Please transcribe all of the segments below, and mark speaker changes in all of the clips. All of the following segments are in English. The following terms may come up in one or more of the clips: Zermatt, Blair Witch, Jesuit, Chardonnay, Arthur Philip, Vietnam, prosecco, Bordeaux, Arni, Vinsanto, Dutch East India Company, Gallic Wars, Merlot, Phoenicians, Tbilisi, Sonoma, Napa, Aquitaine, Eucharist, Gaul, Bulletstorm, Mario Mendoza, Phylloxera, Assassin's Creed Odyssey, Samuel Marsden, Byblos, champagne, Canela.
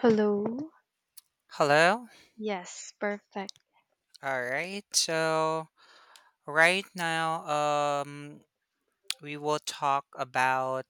Speaker 1: Hello.
Speaker 2: Hello.
Speaker 1: Yes, perfect.
Speaker 2: All right. So right now, um, we will talk about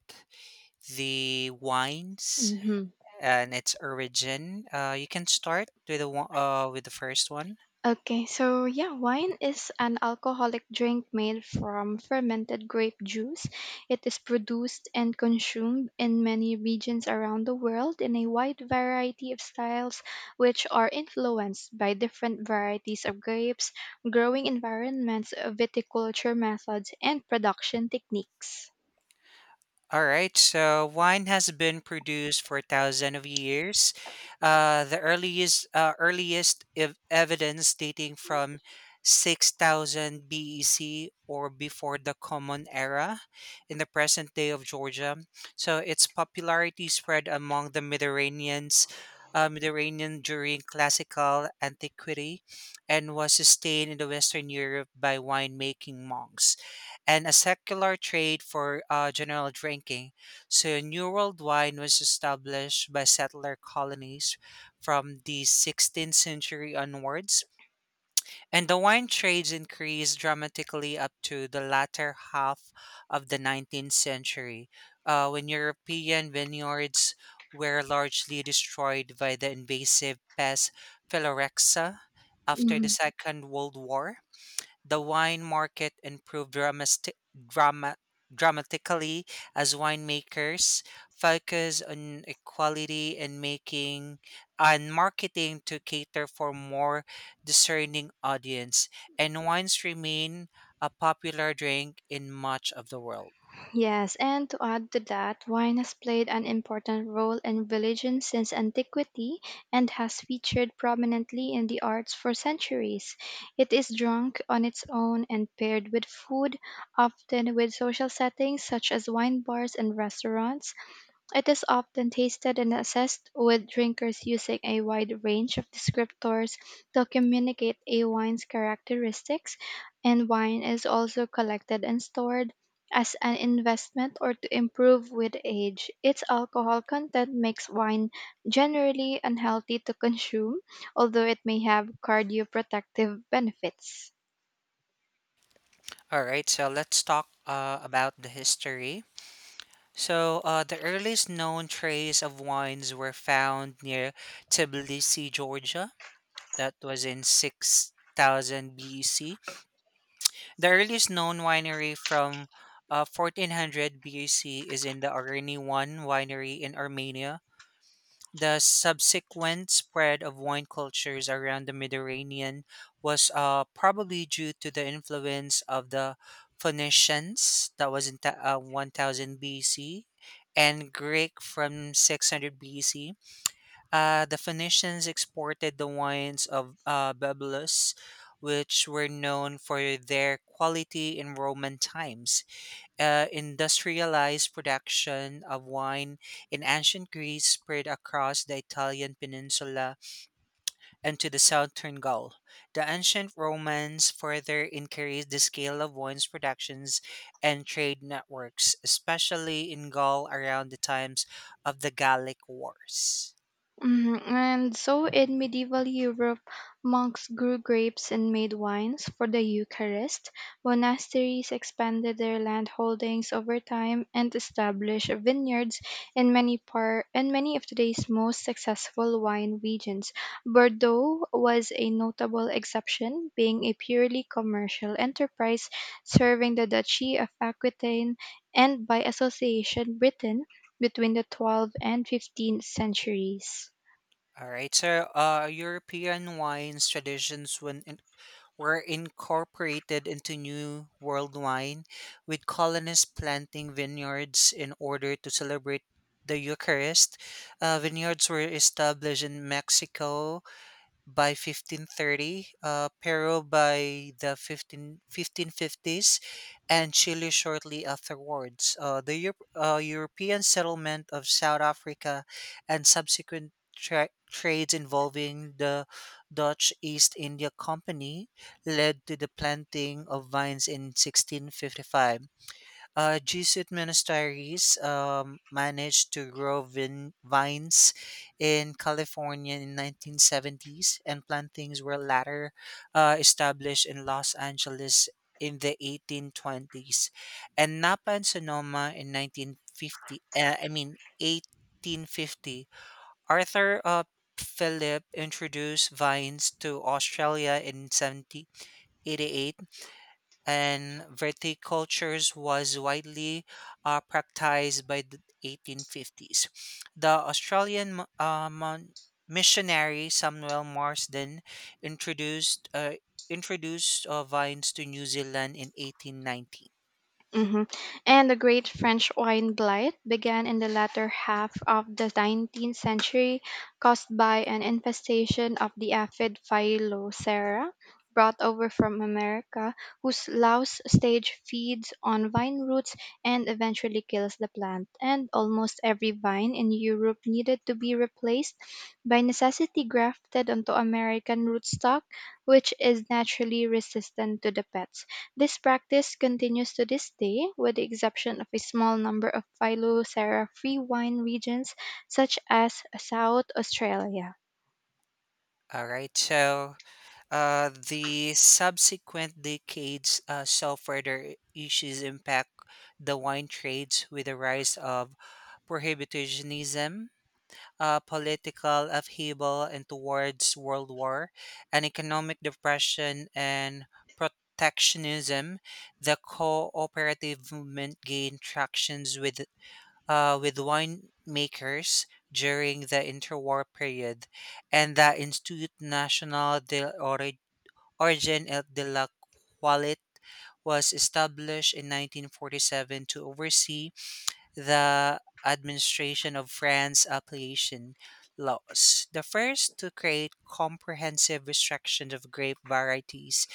Speaker 2: the wines
Speaker 1: Hmm
Speaker 2: and its origin. You can start with the one, with the first one.
Speaker 1: Okay, so yeah, wine is an alcoholic drink made from fermented grape juice. It is produced and consumed in many regions around the world in a wide variety of styles, which are influenced by different varieties of grapes, growing environments, viticulture methods, and production techniques.
Speaker 2: All right, so wine has been produced for thousands of years. The earliest evidence dating from 6000 BEC, or before the Common Era, in the present day of Georgia. So its popularity spread among the Mediterranean during classical antiquity and was sustained in the Western Europe by winemaking monks and a secular trade for general drinking. So, New World wine was established by settler colonies from the 16th century onwards, and the wine trades increased dramatically up to the latter half of the 19th century, when European vineyards were largely destroyed by the invasive pest Phylloxera after the Second World War. The wine market improved dramatically as winemakers focus on equality and making and marketing to cater for more discerning audience. And wines remain a popular drink in much of the world.
Speaker 1: Yes, and to add to that, wine has played an important role in religion since antiquity and has featured prominently in the arts for centuries. It is drunk on its own and paired with food, often with social settings such as wine bars and restaurants. It is often tasted and assessed, with drinkers using a wide range of descriptors to communicate a wine's characteristics, and wine is also collected and stored as an investment or to improve with age. Its alcohol content makes wine generally unhealthy to consume, although it may have cardioprotective benefits.
Speaker 2: All right, so let's talk about the history. So, the earliest known trace of wines were found near Tbilisi, Georgia, that was in 6000 BC. The earliest known winery, from 1400 BC, is in the Arni 1 winery in Armenia. The subsequent spread of wine cultures around the Mediterranean was probably due to the influence of the Phoenicians, that was in 1000 BC, and Greek from 600 BC. The Phoenicians exported the wines of Byblos, which were known for their quality in Roman times. Industrialized production of wine in ancient Greece spread across the Italian peninsula and to the southern Gaul. The ancient Romans further increased the scale of wines productions and trade networks, especially in Gaul around the times of the Gallic Wars.
Speaker 1: Mhm. And so in medieval Europe, monks grew grapes and made wines for the Eucharist. Monasteries expanded their land holdings over time and established vineyards in many of today's most successful wine regions. Bordeaux was a notable exception, being a purely commercial enterprise serving the duchy of Aquitaine and by association Britain between the 12th and 15th centuries.
Speaker 2: All right, so European wines traditions were incorporated into New World wine, with colonists planting vineyards in order to celebrate the Eucharist. Vineyards were established in Mexico by 1530, Peru by the 1550s, and Chile shortly afterwards. The European settlement of South Africa and subsequent trades involving the Dutch East India Company led to the planting of vines in 1655. Jesuit monasteries managed to grow vines in California in 1970s, and plantings were later established in Los Angeles in the 1820s, and Napa and Sonoma in 1950. I mean 1850. Arthur, Philip introduced vines to Australia in 1788, and verticultures was widely practiced by the 1850s. The Australian missionary Samuel Marsden introduced uh, introduced vines to New Zealand in 1890.
Speaker 1: Hmm And the Great French Wine Blight began in the latter half of the 19th century, caused by an infestation of the aphid Phylloxera brought over from America, whose louse stage feeds on vine roots and eventually kills the plant. And almost every vine in Europe needed to be replaced by necessity grafted onto American rootstock, which is naturally resistant to the pests. This practice continues to this day, with the exception of a small number of Phylloxera free wine regions, such as South Australia.
Speaker 2: All right. So, the subsequent decades saw further issues impact the wine trades with the rise of prohibitionism, political upheaval, and towards World War, and economic depression and protectionism. The cooperative movement gained tractions with with winemakers during the interwar period, and the Institut National de Origine et de la Qualit was established in 1947 to oversee the administration of France's appellation laws, the first to create comprehensive restrictions of grape varieties,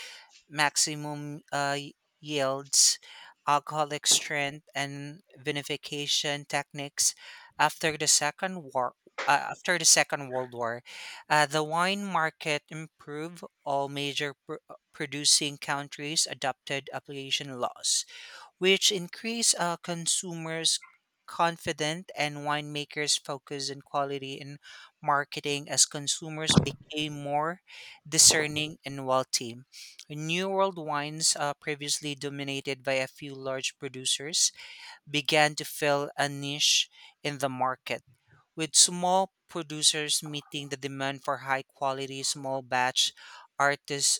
Speaker 2: maximum yields, alcoholic strength, and vinification techniques after the Second War. After the Second World War, the wine market improved. All major producing countries adopted application laws, which increase consumers' confidence and winemakers' focus on quality and marketing as consumers became more discerning and wealthy. New World wines, previously dominated by a few large producers, began to fill a niche in the market, with small producers meeting the demand for high quality small batch artis-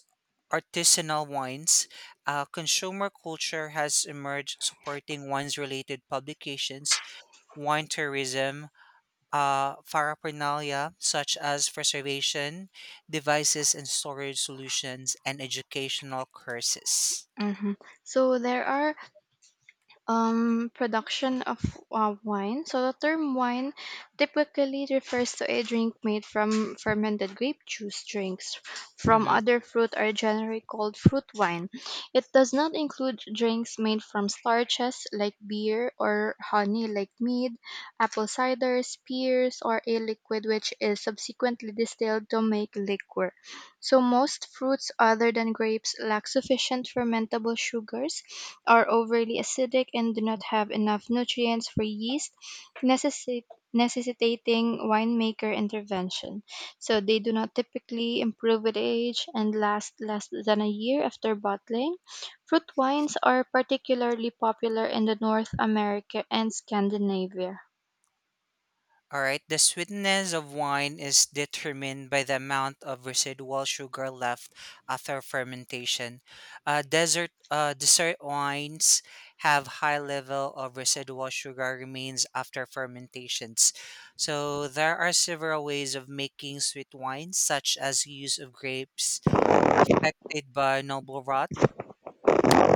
Speaker 2: artisanal wines. Consumer culture has emerged supporting wines related publications, wine tourism, paraphernalia such as preservation devices and storage solutions, and educational courses.
Speaker 1: Mhm. So there are production of wine. So the term wine typically refers to a drink made from fermented grape juice drinks from
Speaker 2: Mhm.
Speaker 1: other fruit are generally called fruit wine. It does not include drinks made from starches like beer or honey like mead, apple cider, spears, or a liquid which is subsequently distilled to make liquor. So most fruits other than grapes lack sufficient fermentable sugars, are overly acidic, and do not have enough nutrients for yeast, necessi- necessitating winemaker intervention. So they do not typically improve with age and last less than a year after bottling. Fruit wines are particularly popular in the North America and Scandinavia.
Speaker 2: All right, the sweetness of wine is determined by the amount of residual sugar left after fermentation. Desert Dessert wines have high level of residual sugar remains after fermentations. So there are several ways of making sweet wine, such as use of grapes affected by noble rot,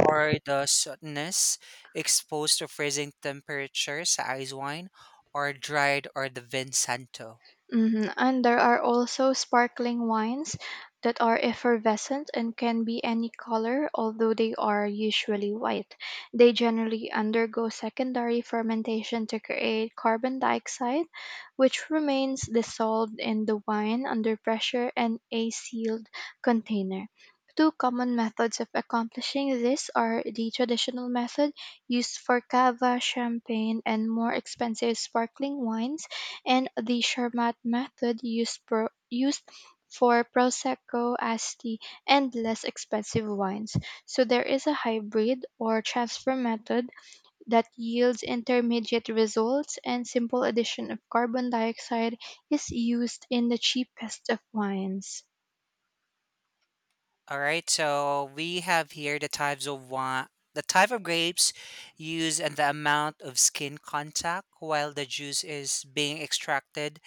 Speaker 2: or the sourness exposed to freezing temperatures, ice wine, or dried, or the Vinsanto.
Speaker 1: Mhm. And there are also sparkling wines that are effervescent and can be any color, although they are usually white. They generally undergo secondary fermentation to create carbon dioxide, which remains dissolved in the wine under pressure and a sealed container. Two common methods of accomplishing this are the traditional method used for cava, champagne, and more expensive sparkling wines and the Zermatt method used for prosecco as the and less expensive wines. So there is a hybrid or transfer method that yields intermediate results and simple addition of carbon dioxide is used in the cheapest of wines.
Speaker 2: All right, so we have here the types of wine. The type of grapes used and the amount of skin contact while the juice is being extracted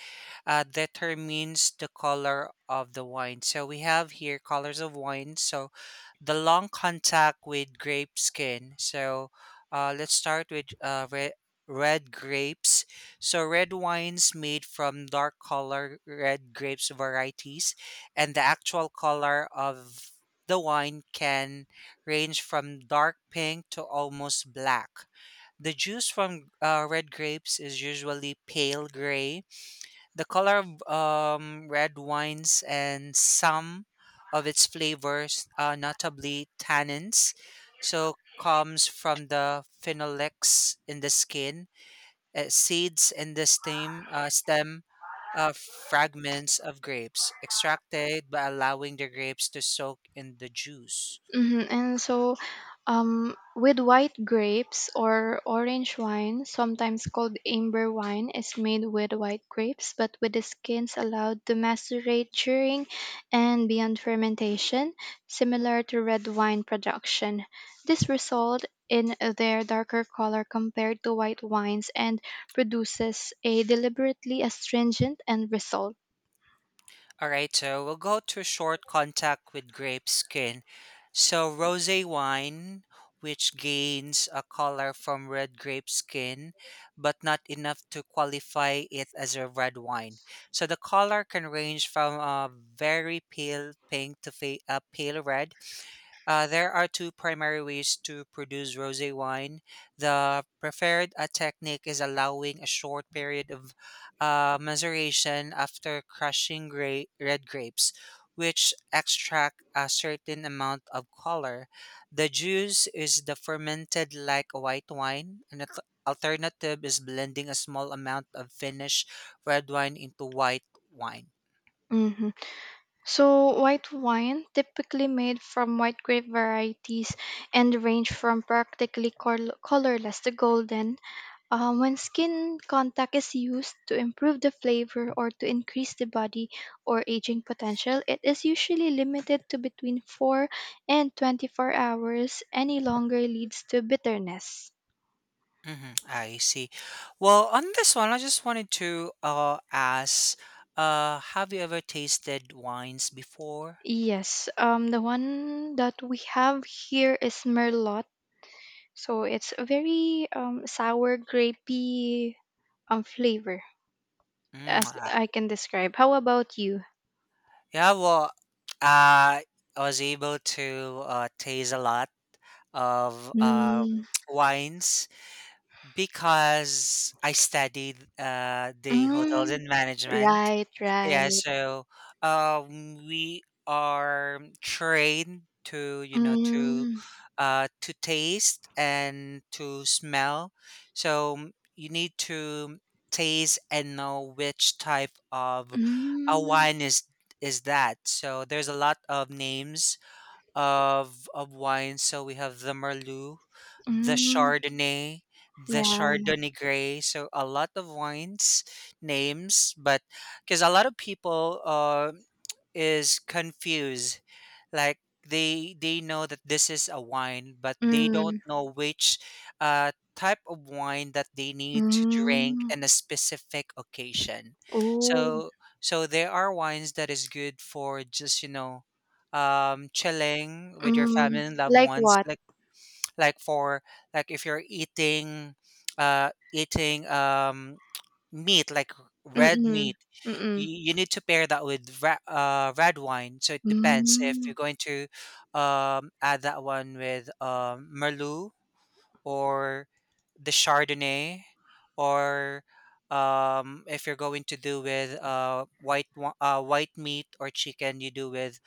Speaker 2: determines the color of the wine. So we have here colors of wine. So, the long contact with grape skin. So let's start with red grapes. So, red wines made from dark color red grapes varieties, and the actual color of the wine can range from dark pink to almost black. The juice from red grapes is usually pale gray. The color of red wines and some of its flavors, notably tannins, so comes from the phenolics in the skin, seeds in the stem fragments of grapes, extracted by allowing the grapes to soak in the juice.
Speaker 1: Hmm And so, with white grapes or orange wine, sometimes called amber wine, is made with white grapes, but with the skins allowed to macerate during and beyond fermentation, similar to red wine production. This result in their darker color compared to white wines and produces a deliberately astringent end result.
Speaker 2: All right, so we'll go to short contact with grape skin. So, rosé wine, which gains a color from red grape skin, but not enough to qualify it as a red wine. So the color can range from a very pale pink to a pale red. There are two primary ways to produce rosé wine. The preferred technique is allowing a short period of maceration after crushing red grapes, which extract a certain amount of color. The juice is the fermented like a white wine. An alternative is blending a small amount of finished red wine into white wine.
Speaker 1: Hmm So, white wine, typically made from white grape varieties and range from practically colorless to golden, when skin contact is used to improve the flavor or to increase the body or aging potential, it is usually limited to between 4 and 24 hours. Any longer leads to bitterness.
Speaker 2: Mhm, I see. Well, on this one, I just wanted to ask, have you ever tasted wines before?
Speaker 1: Yes, the one that we have here is Merlot. So it's a very sour, grapey flavor
Speaker 2: Mm,
Speaker 1: as
Speaker 2: ah.
Speaker 1: I can describe. How about you?
Speaker 2: Yeah, well, I was able to taste a lot of
Speaker 1: Mm,
Speaker 2: wines because I studied the hotels
Speaker 1: mm,
Speaker 2: and management.
Speaker 1: right,
Speaker 2: Yeah,
Speaker 1: right.
Speaker 2: so we are trained to, you know, to
Speaker 1: Mm,
Speaker 2: uh, to taste and to smell. So you need to taste and know which type of a
Speaker 1: mm,
Speaker 2: wine is that. So there's a lot of names of wine. So we have the Merlot, the
Speaker 1: mm,
Speaker 2: Chardonnay, the
Speaker 1: yeah.
Speaker 2: Chardonnay Gray. So a lot of wines names, but because a lot of people is confused, like, they know that this is a wine, but they don't
Speaker 1: Mm,
Speaker 2: know which type of wine that they need to drink
Speaker 1: mm,
Speaker 2: in a specific occasion.
Speaker 1: oh.
Speaker 2: So so there are wines that is good for just chilling with your family
Speaker 1: Mm.
Speaker 2: and loved
Speaker 1: Like
Speaker 2: ones,
Speaker 1: what?
Speaker 2: like. Like for, like, if you're eating meat, like red
Speaker 1: Mm-mm,
Speaker 2: meat,
Speaker 1: mm-mm,
Speaker 2: you need to pair that with red wine. So it depends, if
Speaker 1: mm,
Speaker 2: you're going to add that one with merlot or the chardonnay, or if you're going to do with white meat or chicken, you do with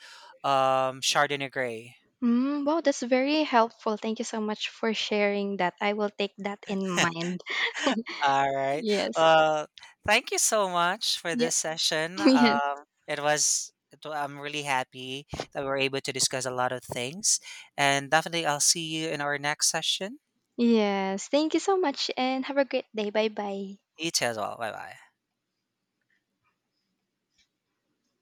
Speaker 2: chardonnay gray.
Speaker 1: mm. Wow, that's very helpful. Thank you so much for sharing that. I will take that in mind.
Speaker 2: All right.
Speaker 1: Yes.
Speaker 2: Well, thank you so much for
Speaker 1: Yeah.
Speaker 2: this session.
Speaker 1: Yes.
Speaker 2: It was, it wa- I'm really happy that we were able to discuss a lot of things. And definitely, I'll see you in our next session.
Speaker 1: Yes. Thank you so much and have a great day. Bye bye.
Speaker 2: You too as well. Bye bye.